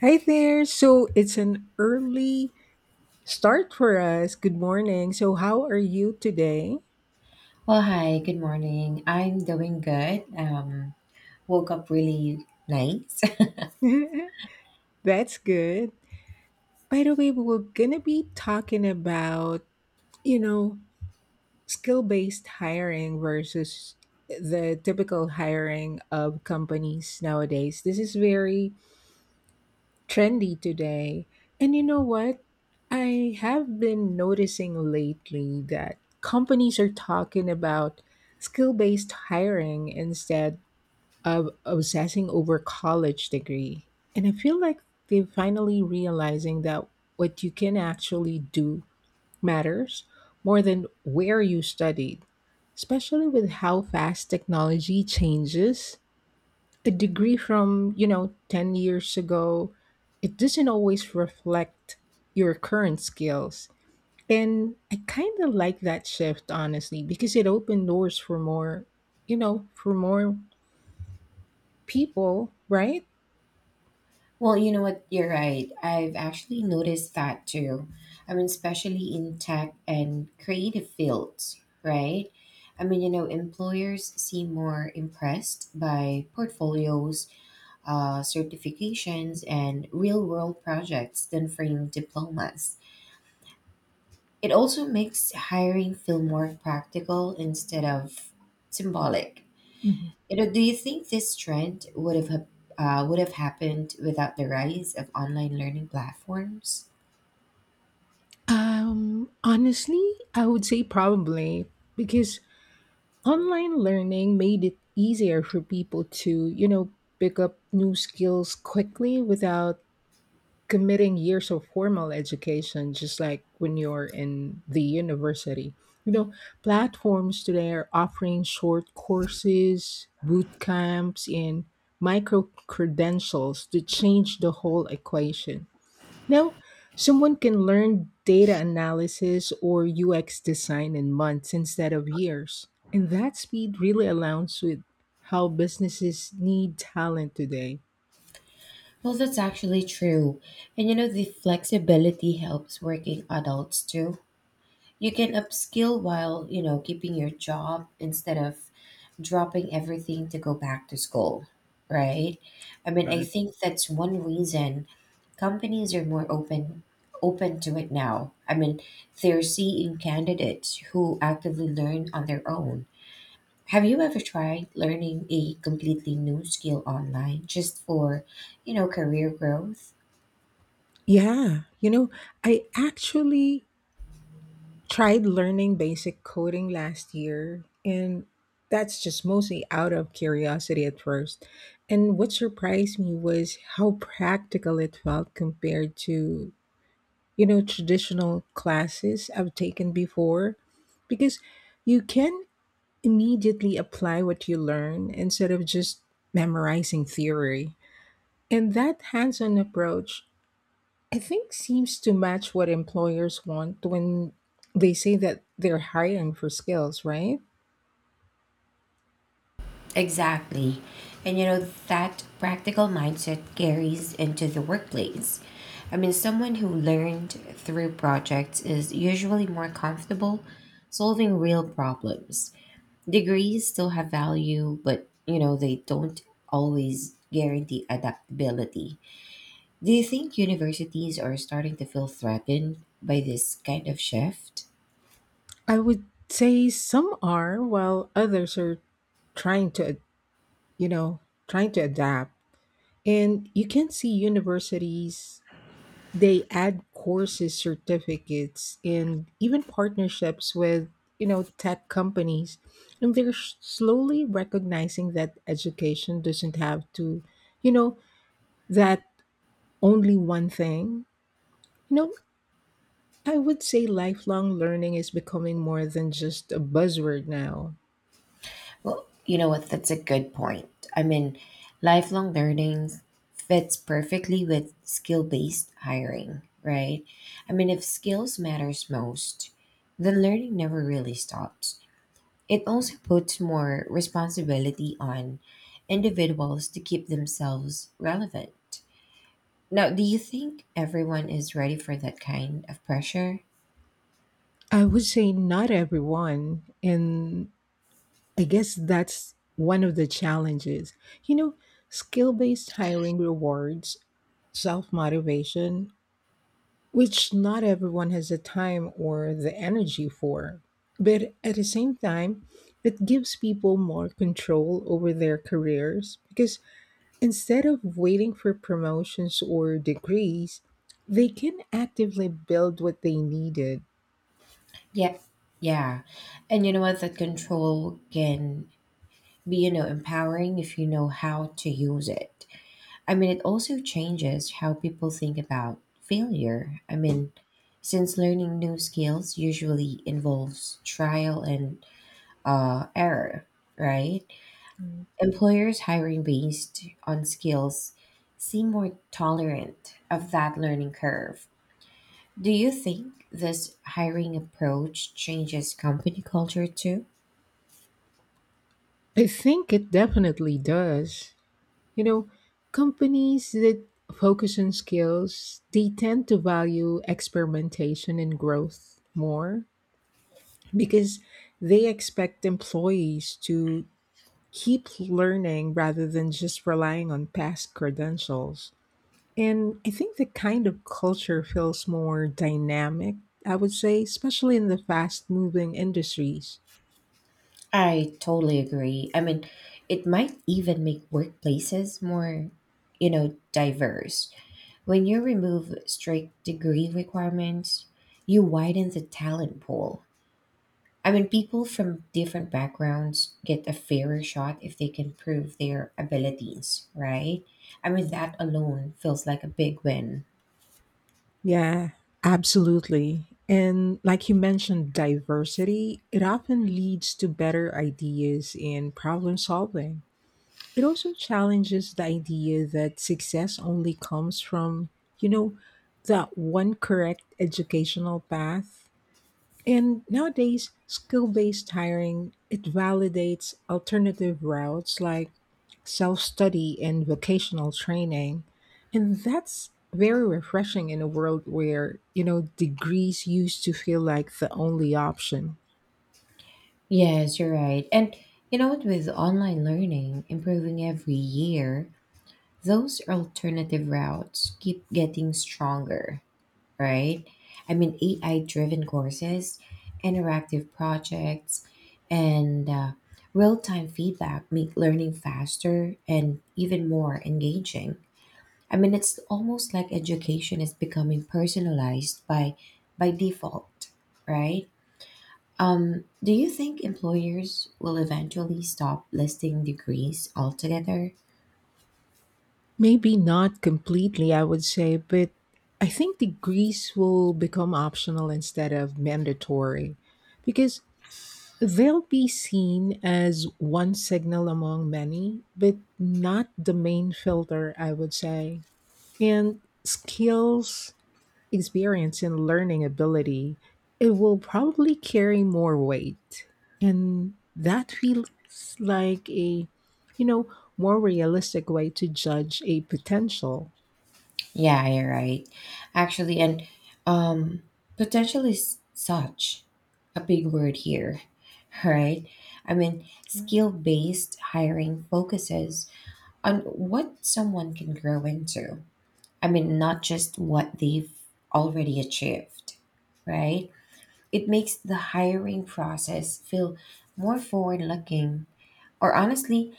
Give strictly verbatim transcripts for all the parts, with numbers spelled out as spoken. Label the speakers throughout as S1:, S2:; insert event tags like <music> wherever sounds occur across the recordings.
S1: Hi there. So it's an early start for us. Good morning. So, how are you today?
S2: Well, hi, good morning. I'm doing good. Um, woke up really nice.
S1: <laughs> That's good. By the way, we're going to be talking about, you know, skill based hiring versus the typical hiring of companies nowadays. This is very trendy today. And you know what? I have been noticing lately that companies are talking about skill based hiring instead of obsessing over college degree. And I feel like they're finally realizing that what you can actually do matters more than where you studied, especially with how fast technology changes. The degree from you know ten years ago, it doesn't always reflect your current skills. And I kind of like that shift, honestly, because it opened doors for more, you know for more people, right?
S2: <laughs> Well, you know what? You're right. I've actually noticed that too. I mean, especially in tech and creative fields, right? I mean, you know, employers seem more impressed by portfolios, uh, certifications, and real world projects than framed diplomas. It also makes hiring feel more practical instead of symbolic.
S1: Mhm.
S2: You know, do you think this trend would have hap- uh, would have happened without the rise of online learning platforms?
S1: Um honestly, I would say probably, because online learning made it easier for people to, you know pick up new skills quickly without committing years of formal education, just like when you're in the university. You know, platforms today are offering short courses, boot camps, and micro credentials to change the whole equation. Now, someone can learn data analysis or U X design in months instead of years. And that speed really aligns with how businesses need talent today.
S2: Well, that's actually true. And you know, the flexibility helps working adults too. You can upskill while, you know, keeping your job instead of dropping everything to go back to school, right? I mean, I think that's one reason companies are more open open to it now. I mean, they're seeing candidates who actively learn on their own. Have you ever tried learning a completely new skill online just for, you know, career growth?
S1: Yeah, you know, I actually tried learning basic coding last year, and that's just mostly out of curiosity at first. And what surprised me was how practical it felt compared to, you know, traditional classes I've taken before, because you can immediately apply what you learn instead of just memorizing theory. And that hands on approach, I think, seems to match what employers want when they say that they're hiring for skills, right?
S2: Exactly. And you know, that practical mindset carries into the workplace. I mean, someone who learned through projects is usually more comfortable solving real problems. Degrees still have value, but you know, they don't always guarantee adaptability. Do you think universities are starting to feel threatened by this kind of shift?
S1: I would say some are, while others are trying to, you know, trying to adapt. And you can see universities, they add courses, certificates and even partnerships with, you know, tech companies. And they're s- slowly recognizing that education doesn't have to, you know, that only one thing. You know, I would say lifelong learning is becoming more than just a buzzword now.
S2: Well, you know what? That's a good point. I mean, lifelong learning fits perfectly with skill-based hiring, right? I mean, if skills matters most, then learning never really stops. It also puts more responsibility on individuals to keep themselves relevant. Now, do you think everyone is ready for that kind of pressure?
S1: I would say not everyone, and I guess that's one of the challenges. You know, skill based hiring rewards self motivation, which not everyone has the time or the energy for. But at the same time, it gives people more control over their careers because instead of waiting for promotions or degrees, they can actively build what they needed.
S2: Yeah, yeah. And you know what? That control can be, you know, empowering if you know how to use it. I mean, it also changes how people think about failure. I mean, since learning new skills usually involves trial and uh, error, right? Employers hiring based on skills seem more tolerant of that learning curve. Do you think this hiring approach changes company culture too?
S1: I think it definitely does. You know, companies that focus on skills, they tend to value experimentation and growth more because they expect employees to keep learning rather than just relying on past credentials. And I think the kind of culture feels more dynamic, I would say, especially in the fast moving industries.
S2: I totally agree. I mean, it might even make workplaces more, you know, diverse. When you remove strict degree requirements, you widen the talent pool. I mean, people from different backgrounds get a fairer shot if they can prove their abilities, right? I mean, that alone feels like a big win.
S1: Yeah, absolutely. And like you mentioned, diversity, it often leads to better ideas and problem solving. It also challenges the idea that success only comes from, you know, that one correct educational path. And nowadays, skill-based hiring, it validates alternative routes like self-study and vocational training. And that's very refreshing in a world where, you know, degrees used to feel like the only option.
S2: Yes, you're right. And you know what, with online learning improving every year, those alternative routes keep getting stronger, right? I mean, A I driven courses, interactive projects, and uh, real time feedback make learning faster and even more engaging. I mean, it's almost like education is becoming personalized by, by default, right? Um, do you think employers will eventually stop listing degrees altogether?
S1: Maybe not completely, I would say, but I think degrees will become optional instead of mandatory, because they'll be seen as one signal among many, but not the main filter, I would say. And skills, experience, and learning ability, it will probably carry more weight. And that feels like a, you know, more realistic way to judge a potential.
S2: Yeah, you're right. Actually, and um, potential is such a big word here, <laughs> right? I mean, skill based hiring focuses on what someone can grow into. I mean, not just what they've already achieved, right? It makes the hiring process feel more forward looking, or honestly,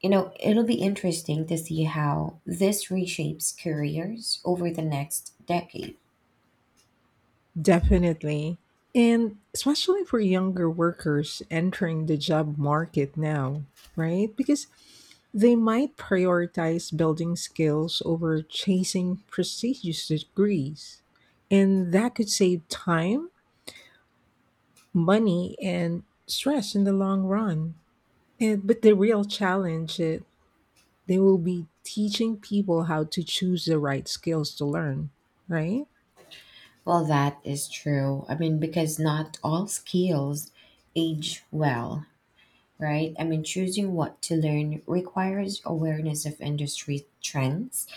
S2: you know, it'll be interesting to see how this reshapes careers over the next decade.
S1: Definitely. And especially for younger workers entering the job market now, right? Because they might prioritize building skills over chasing prestigious degrees. And that could save time, money, and stress in the long run. And, but the real challenge is they will be teaching people how to choose the right skills to learn, right?
S2: Well, that is true. I mean, because not all skills age well, right? I mean, choosing what to learn requires awareness of industry trends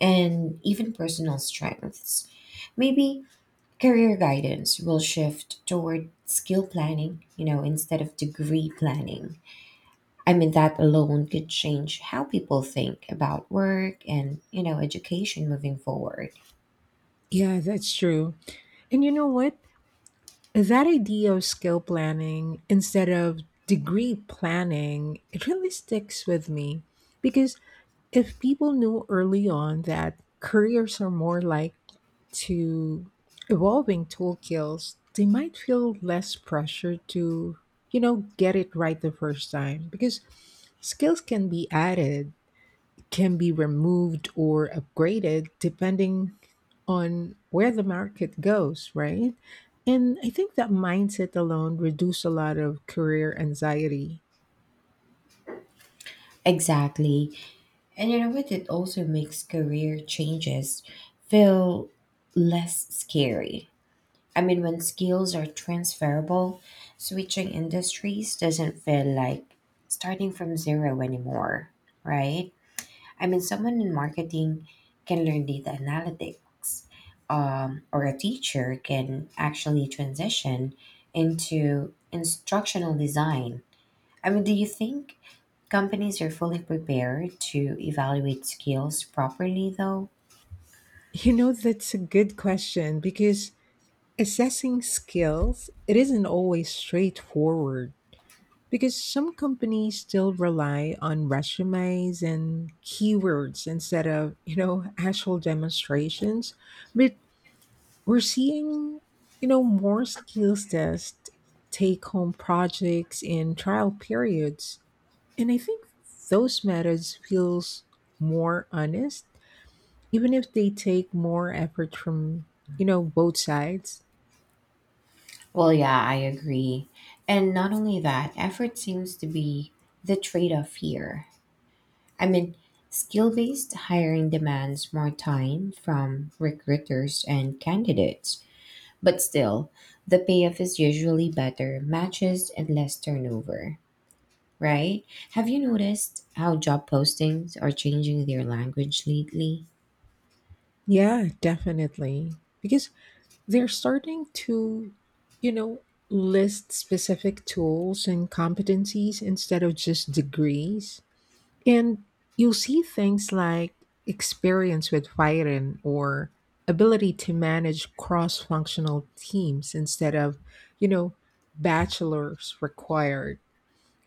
S2: and even personal strengths. Maybe career guidance will shift toward skill planning, you know, instead of degree planning. I mean, that alone could change how people think about work and, you know, education moving forward.
S1: Yeah, that's true. And you know what? That idea of skill planning instead of degree planning, it really sticks with me, because if people knew early on that careers are more like to evolving toolkits, they might feel less pressure to, you know, get it right the first time, because skills can be added, can be removed or upgraded depending on where the market goes, right? And I think that mindset alone reduce a lot of career anxiety. <laughs>
S2: Exactly. And you know what? It also makes career changes feel less scary. I mean, when skills are transferable, switching industries doesn't feel like starting from zero anymore, right? I mean, someone in marketing can learn data analytics, um, or a teacher can actually transition into instructional design. I mean, do you think companies are fully prepared to evaluate skills properly, though?
S1: You know, that's a good question, because assessing skills, it isn't always straightforward because some companies still rely on resumes and keywords instead of, you know, actual demonstrations. But we're seeing, you know, more skills test, take home projects and trial periods. And I think those methods feels more honest, even if they take more effort from, you know, both sides.
S2: Well, yeah, I agree. And not only that, effort seems to be the trade off here. I mean, skill based hiring demands more time from recruiters and candidates. But still, the payoff is usually better matches and less turnover, right? Have you noticed how job postings are changing their language lately?
S1: Yeah, definitely. Because they're starting to, you know, list specific tools and competencies instead of just degrees. And you'll see things like experience with firing or ability to manage cross functional teams instead of, you know, bachelor's required.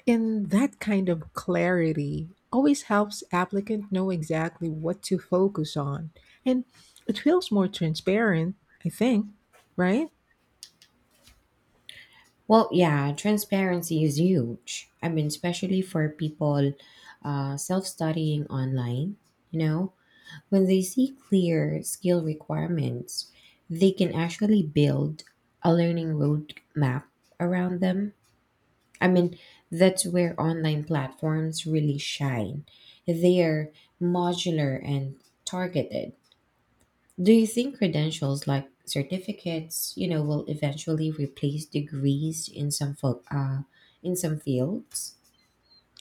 S1: And that kind of clarity always helps applicant know exactly what to focus on. And it feels more transparent, I think, right?
S2: Well, yeah, transparency is huge. I mean, especially for people uh, self studying online, you know, when they see clear skill requirements, they can actually build a learning roadmap around them. I mean, that's where online platforms really shine. They are modular and targeted. Do you think credentials like certificates, you know, will eventually replace degrees in some fo- uh, in some fields?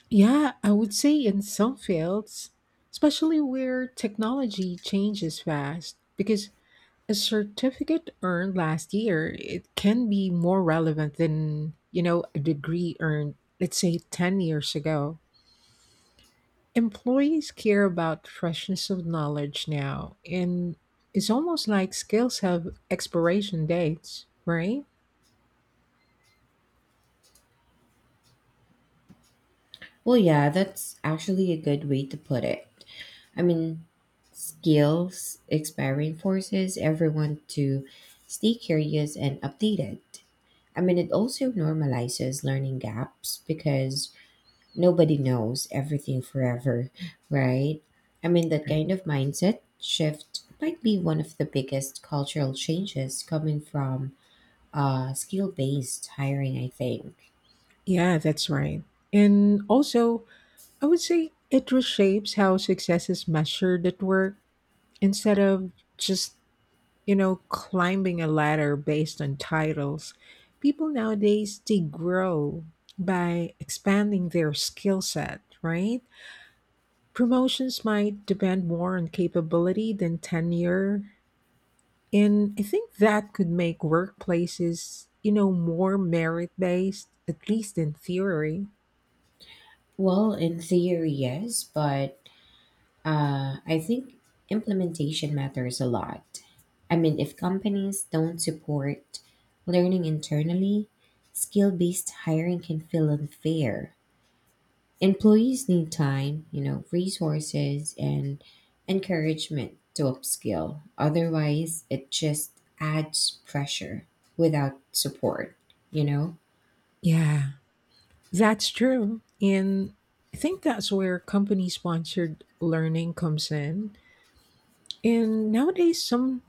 S1: Yeah, I would say in some fields, especially where technology changes fast, because a certificate earned last year, it can be more relevant than, you know, a degree earned, let's say, ten years ago. Employees care about freshness of knowledge now, and it's almost like skills have expiration dates, right?
S2: Well, yeah, that's actually a good way to put it. I mean, skills expiring forces everyone to stay curious and updated. I mean, it also normalizes learning gaps because nobody knows everything forever, right? I mean, that
S1: Right.
S2: kind of mindset shift might be one of the biggest cultural changes coming from uh, skill based hiring, I think.
S1: Yeah, that's right. And also, I would say it reshapes how success is measured at work instead of just, you know, climbing a ladder based on titles. People nowadays, they grow by expanding their skill set, right? Promotions might depend more on capability than tenure. And I think that could make workplaces, you know, more merit based, at least in theory.
S2: Well, in theory, yes, but uh, I think implementation matters a lot. I mean, if companies don't support learning internally, skill based hiring can feel unfair. Employees need time, you know, resources and encouragement to upskill. Otherwise, it just adds pressure without support, you know?
S1: Yeah, that's true. And I think that's where company sponsored learning comes in. And nowadays, some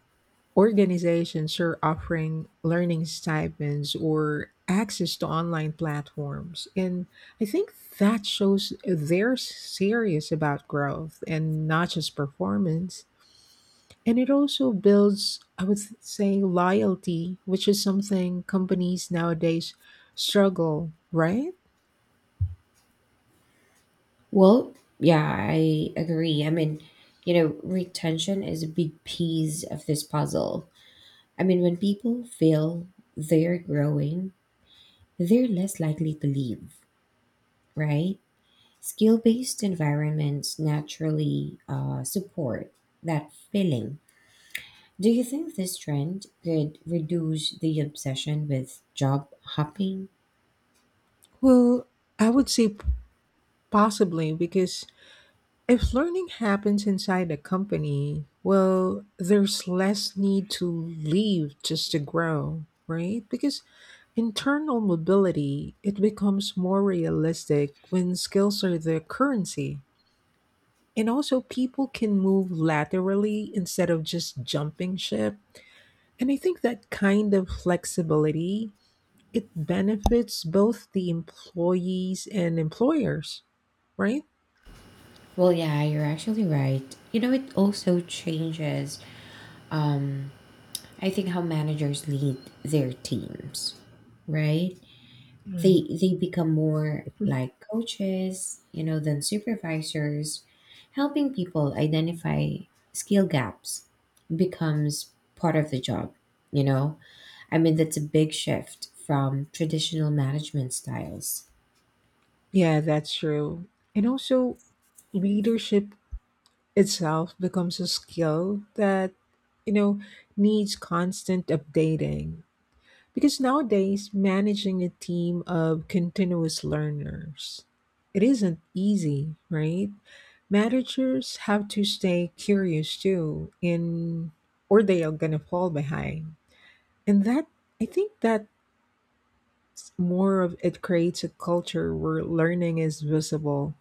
S1: organizations are offering learning stipends or access to online platforms. And I think that shows they're serious about growth and not just performance. And it also builds, I would say, loyalty, which is something companies nowadays struggle, right?
S2: Well, yeah, I agree. I mean, you know, retention is a big piece of this puzzle. I mean, when people feel they're growing, they're less likely to leave, right? Skill based environments naturally uh, support that feeling. Do you think this trend could reduce the obsession with job hopping?
S1: Well, I would say p- possibly, because if learning happens inside a company, well, there's less need to leave just to grow, right? Because internal mobility, it becomes more realistic when skills are the currency. And also people can move laterally instead of just jumping ship. And I think that kind of flexibility, it benefits both the employees and employers, right?
S2: Well, yeah, you're actually right. You know, it also changes, um, I think, how managers lead their teams, right? they they become more like coaches, you know, than supervisors. Helping people identify skill gaps becomes part of the job, you know. I mean, that's a big shift from traditional management styles.
S1: Yeah, that's true. And also, leadership itself becomes a skill that, you know, needs constant updating. Because nowadays, managing a team of continuous learners, it isn't easy, right? Managers have to stay curious too, in or they are gonna fall behind. And that, I think that's more of it creates a culture where learning is visible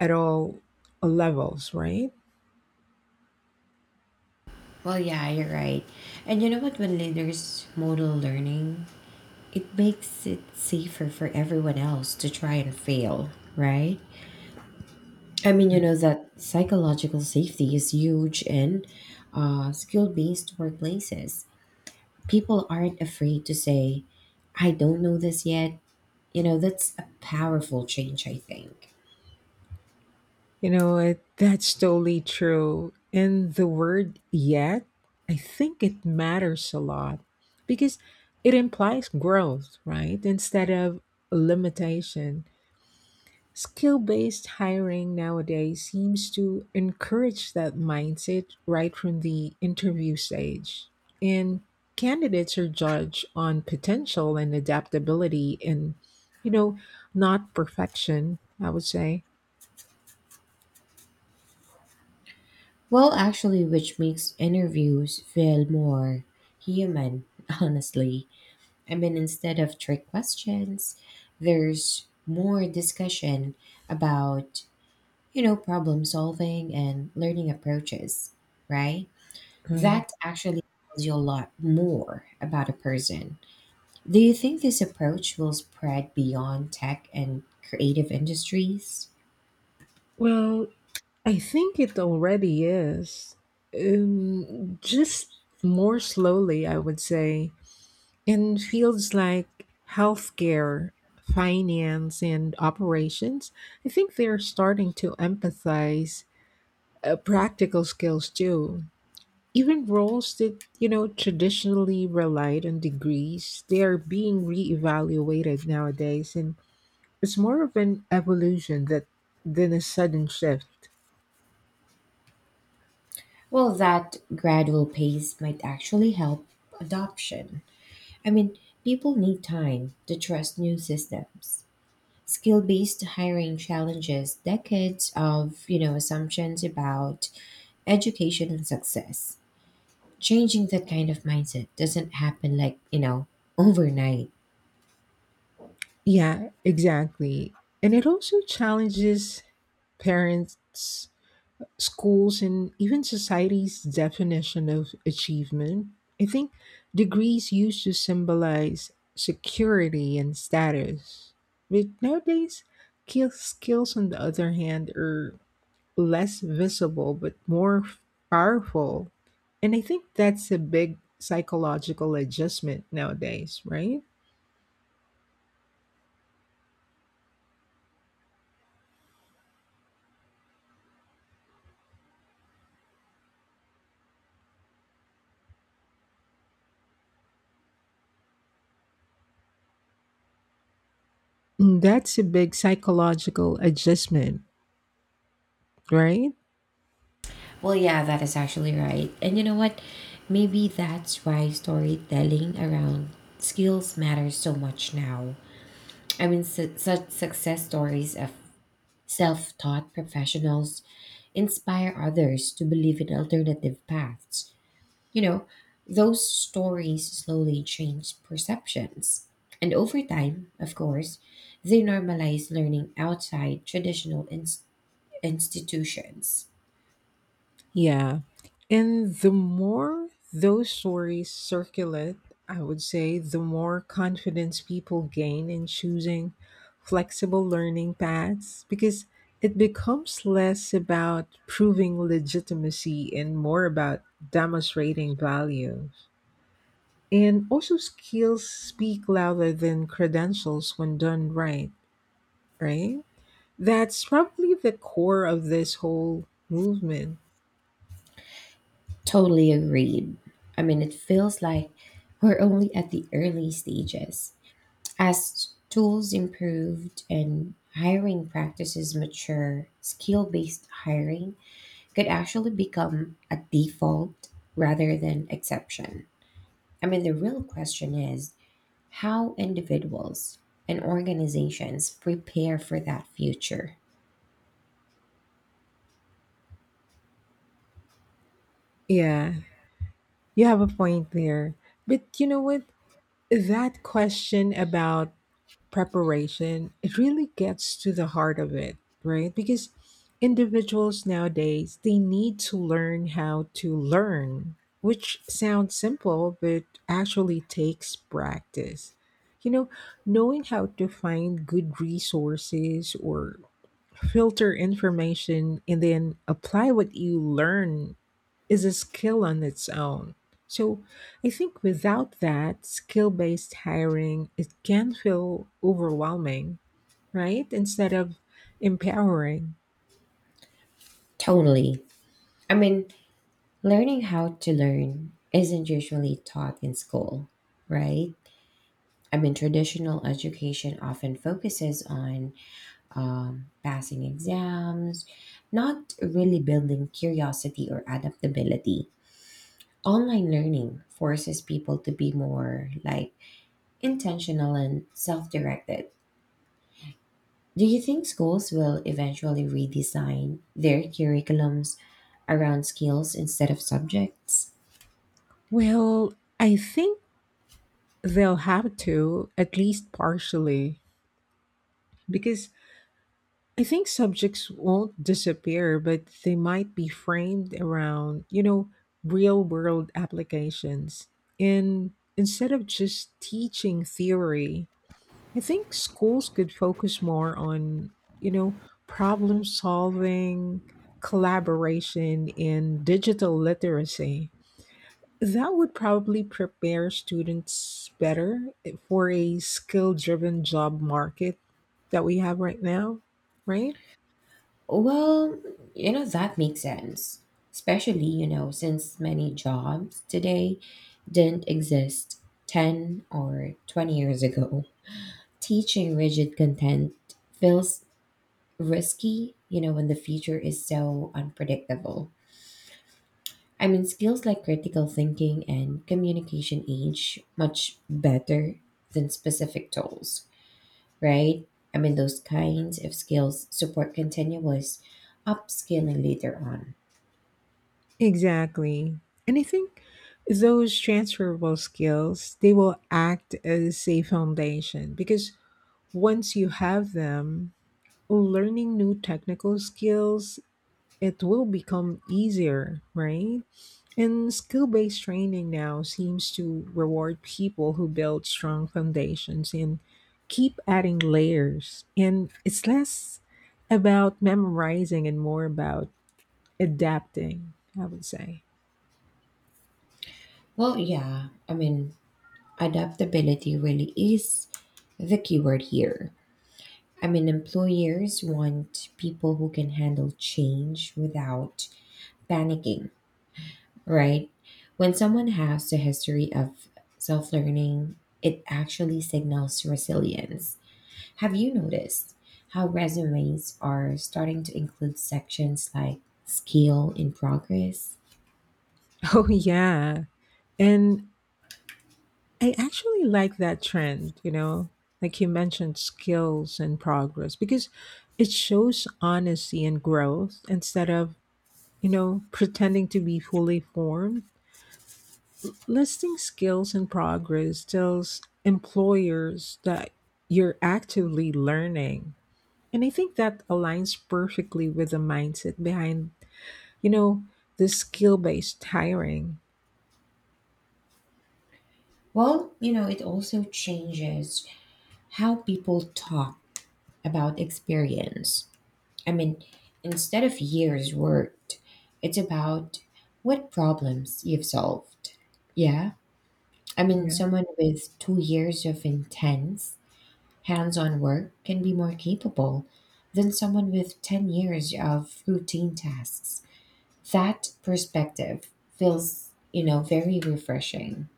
S1: at all levels, right?
S2: Well, yeah, you're right. And you know what, when leaders model learning, it makes it safer for everyone else to try and fail, right? I mean, you
S1: Right.
S2: know that psychological safety is huge in uh, skill-based workplaces. People aren't afraid to say, "I don't know this yet." You know, that's a powerful change, I think.
S1: You know, it, that's totally true. And the word yet, I think it matters a lot because it implies growth, right? Instead of limitation. Skill based hiring nowadays seems to encourage that mindset right from the interview stage. And candidates are judged on potential and adaptability and, you know, not perfection, I would say.
S2: Well, actually, which makes interviews feel more human. <laughs> Honestly, I mean, instead of trick questions, there's more discussion about, you know, problem solving and learning approaches, right?
S1: Right.
S2: That actually tells you a lot more about a person. Do you think this approach will spread beyond tech and creative industries?
S1: Well, I think it already is. Um, just more slowly, I would say. In fields like healthcare, finance, and operations, I think they're starting to emphasize uh, practical skills too. Even roles that, you know, traditionally relied on degrees, they are being reevaluated nowadays. And it's more of an evolution that than a sudden shift.
S2: Well, that gradual pace might actually help adoption. I mean, people need time to trust new systems. Skill-based hiring challenges decades of, you know, assumptions about education and success. Changing that kind of mindset doesn't happen like, you know, overnight.
S1: Yeah, exactly. And it also challenges parents, schools and even society's definition of achievement. I think degrees used to symbolize security and status. But nowadays, ki- skills, on the other hand, are less visible but more powerful. And I think that's a big psychological adjustment nowadays, right? That's a big psychological adjustment, right?
S2: Well, yeah, that is actually right. And you know what? Maybe that's why storytelling around skills matters so much now. I mean, su- such success stories of self taught professionals inspire others to believe in alternative paths. You know, those stories slowly change perceptions. And over time, of course, they normalize learning outside traditional ins- institutions.
S1: Yeah. And the more those stories circulate, I would say the more confidence people gain in choosing flexible learning paths, because it becomes less about proving legitimacy and more about demonstrating values. And also, skills speak louder than credentials when done right, right? That's probably the core of this whole movement.
S2: Totally agreed. I mean, it feels like we're only at the early stages. As tools improved and hiring practices mature, skill based hiring could actually become a default rather than exception. I mean, the real question is how individuals and organizations prepare for that future.
S1: Yeah, you have a point there. But you know what? That question about preparation, it really gets to the heart of it, right? Because individuals nowadays, they need to learn how to learn, which sounds simple, but actually takes practice. You know, knowing how to find good resources or filter information and then apply what you learn is a skill on its own. So I think without that, skill based hiring, it can feel overwhelming, right? Instead of empowering.
S2: Totally. I mean, learning how to learn isn't usually taught in school, right? I mean, traditional education often focuses on um, passing exams, not really building curiosity or adaptability. Online learning forces people to be more like intentional and self directed. Do you think schools will eventually redesign their curriculums around skills instead of subjects?
S1: Well, I think they'll have to, at least partially, because I think subjects won't disappear, but they might be framed around, you know, real world applications. And instead of just teaching theory, I think schools could focus more on, you know, problem solving, collaboration, and digital literacy. That would probably prepare students better for a skill driven job market that we have right now, right?
S2: Well, you know, that makes sense. Especially, you know, since many jobs today didn't exist ten or twenty years ago. Teaching rigid content feels risky, you know, when the future is so unpredictable. I mean, skills like critical thinking and communication age much better than specific tools, right? I mean, those kinds of skills support continuous upskilling later on.
S1: Exactly. And I think those transferable skills, they will act as a foundation because once you have them, learning new technical skills, it will become easier, right? And skill based training now seems to reward people who build strong foundations and keep adding layers. And it's less about memorizing and more about adapting, I would say.
S2: Well, yeah. I mean, adaptability really is the keyword here. I mean, employers want people who can handle change without panicking, right? When someone has a history of self learning, it actually signals resilience. Have you noticed how resumes are starting to include sections like skill in progress?
S1: <laughs> Oh, yeah. And I actually like that trend, you know, like you mentioned, skills and progress, because it shows honesty and growth instead of, you know, pretending to be fully formed. Listing skills and progress tells employers that you're actively learning. And I think that aligns perfectly with the mindset behind, you know, the skill based hiring.
S2: Well, you know, it also changes how people talk about experience. I mean, instead of years worked, it's about what problems you've solved. Yeah. I mean, someone with two years of intense hands on work can be more capable than someone with ten years of routine tasks. That perspective feels, you know, very refreshing.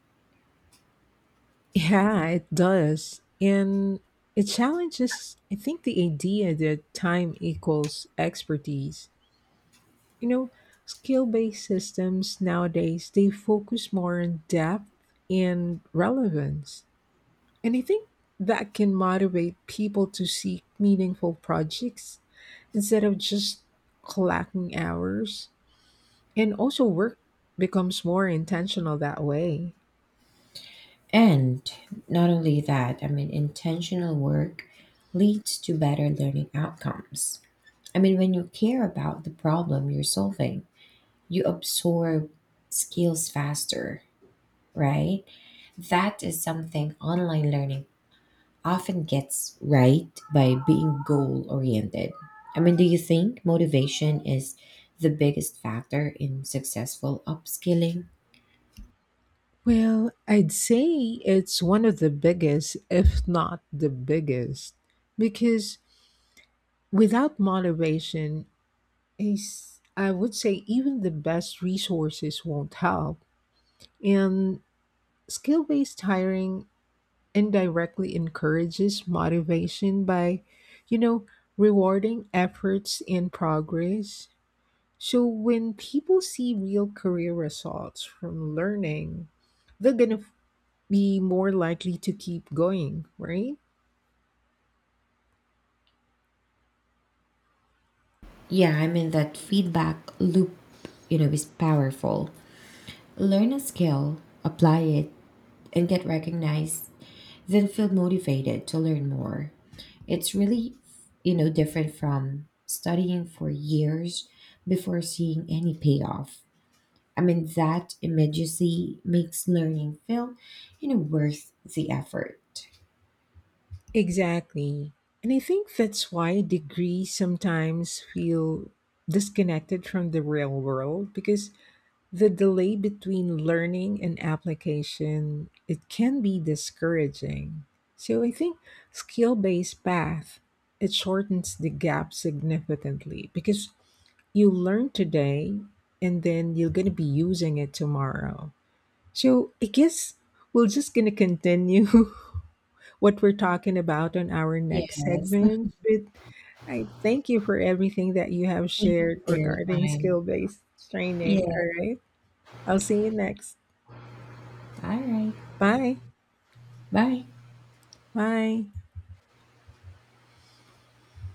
S1: Yeah, it does. And it challenges, I think, the idea that time equals expertise. You know, skill based systems nowadays, they focus more on depth and relevance. And I think that can motivate people to seek meaningful projects instead of just clocking hours. And also, work becomes more intentional that way.
S2: And not only that, I mean, intentional work leads to better learning outcomes. I mean, when you care about the problem you're solving, you absorb skills faster, right? That is something online learning often gets right by being goal oriented. I mean, do you think motivation is the biggest factor in successful upskilling?
S1: Well, I'd say it's one of the biggest, if not the biggest, because without moderation, is- I would say even the best resources won't help. And skill based hiring indirectly encourages motivation by, you know, rewarding efforts and progress. So when people see real career results from learning, they're gonna be more likely to keep going, right?
S2: Yeah, I mean, that feedback loop, you know, is powerful. Learn a skill, apply it, and get recognized, then feel motivated to learn more. It's really, you know, different from studying for years before seeing any payoff. I mean, that immediacy makes learning feel, you know, worth the effort.
S1: Exactly. And I think that's why degrees sometimes feel disconnected from the real world because the delay between learning and application, it can be discouraging. So I think skill-based path, it shortens the gap significantly because you learn today and then you're going to be using it tomorrow. So I guess we're just gonna continue <laughs> what we're talking about on our
S2: Yes.
S1: next
S2: Thank
S1: segment. But I thank you for everything that you have
S2: you
S1: shared
S2: for your
S1: regarding
S2: time.
S1: skill based
S2: Yeah.
S1: training. All right. I'll see you next.
S2: All right.
S1: Bye.
S2: Bye.
S1: Bye.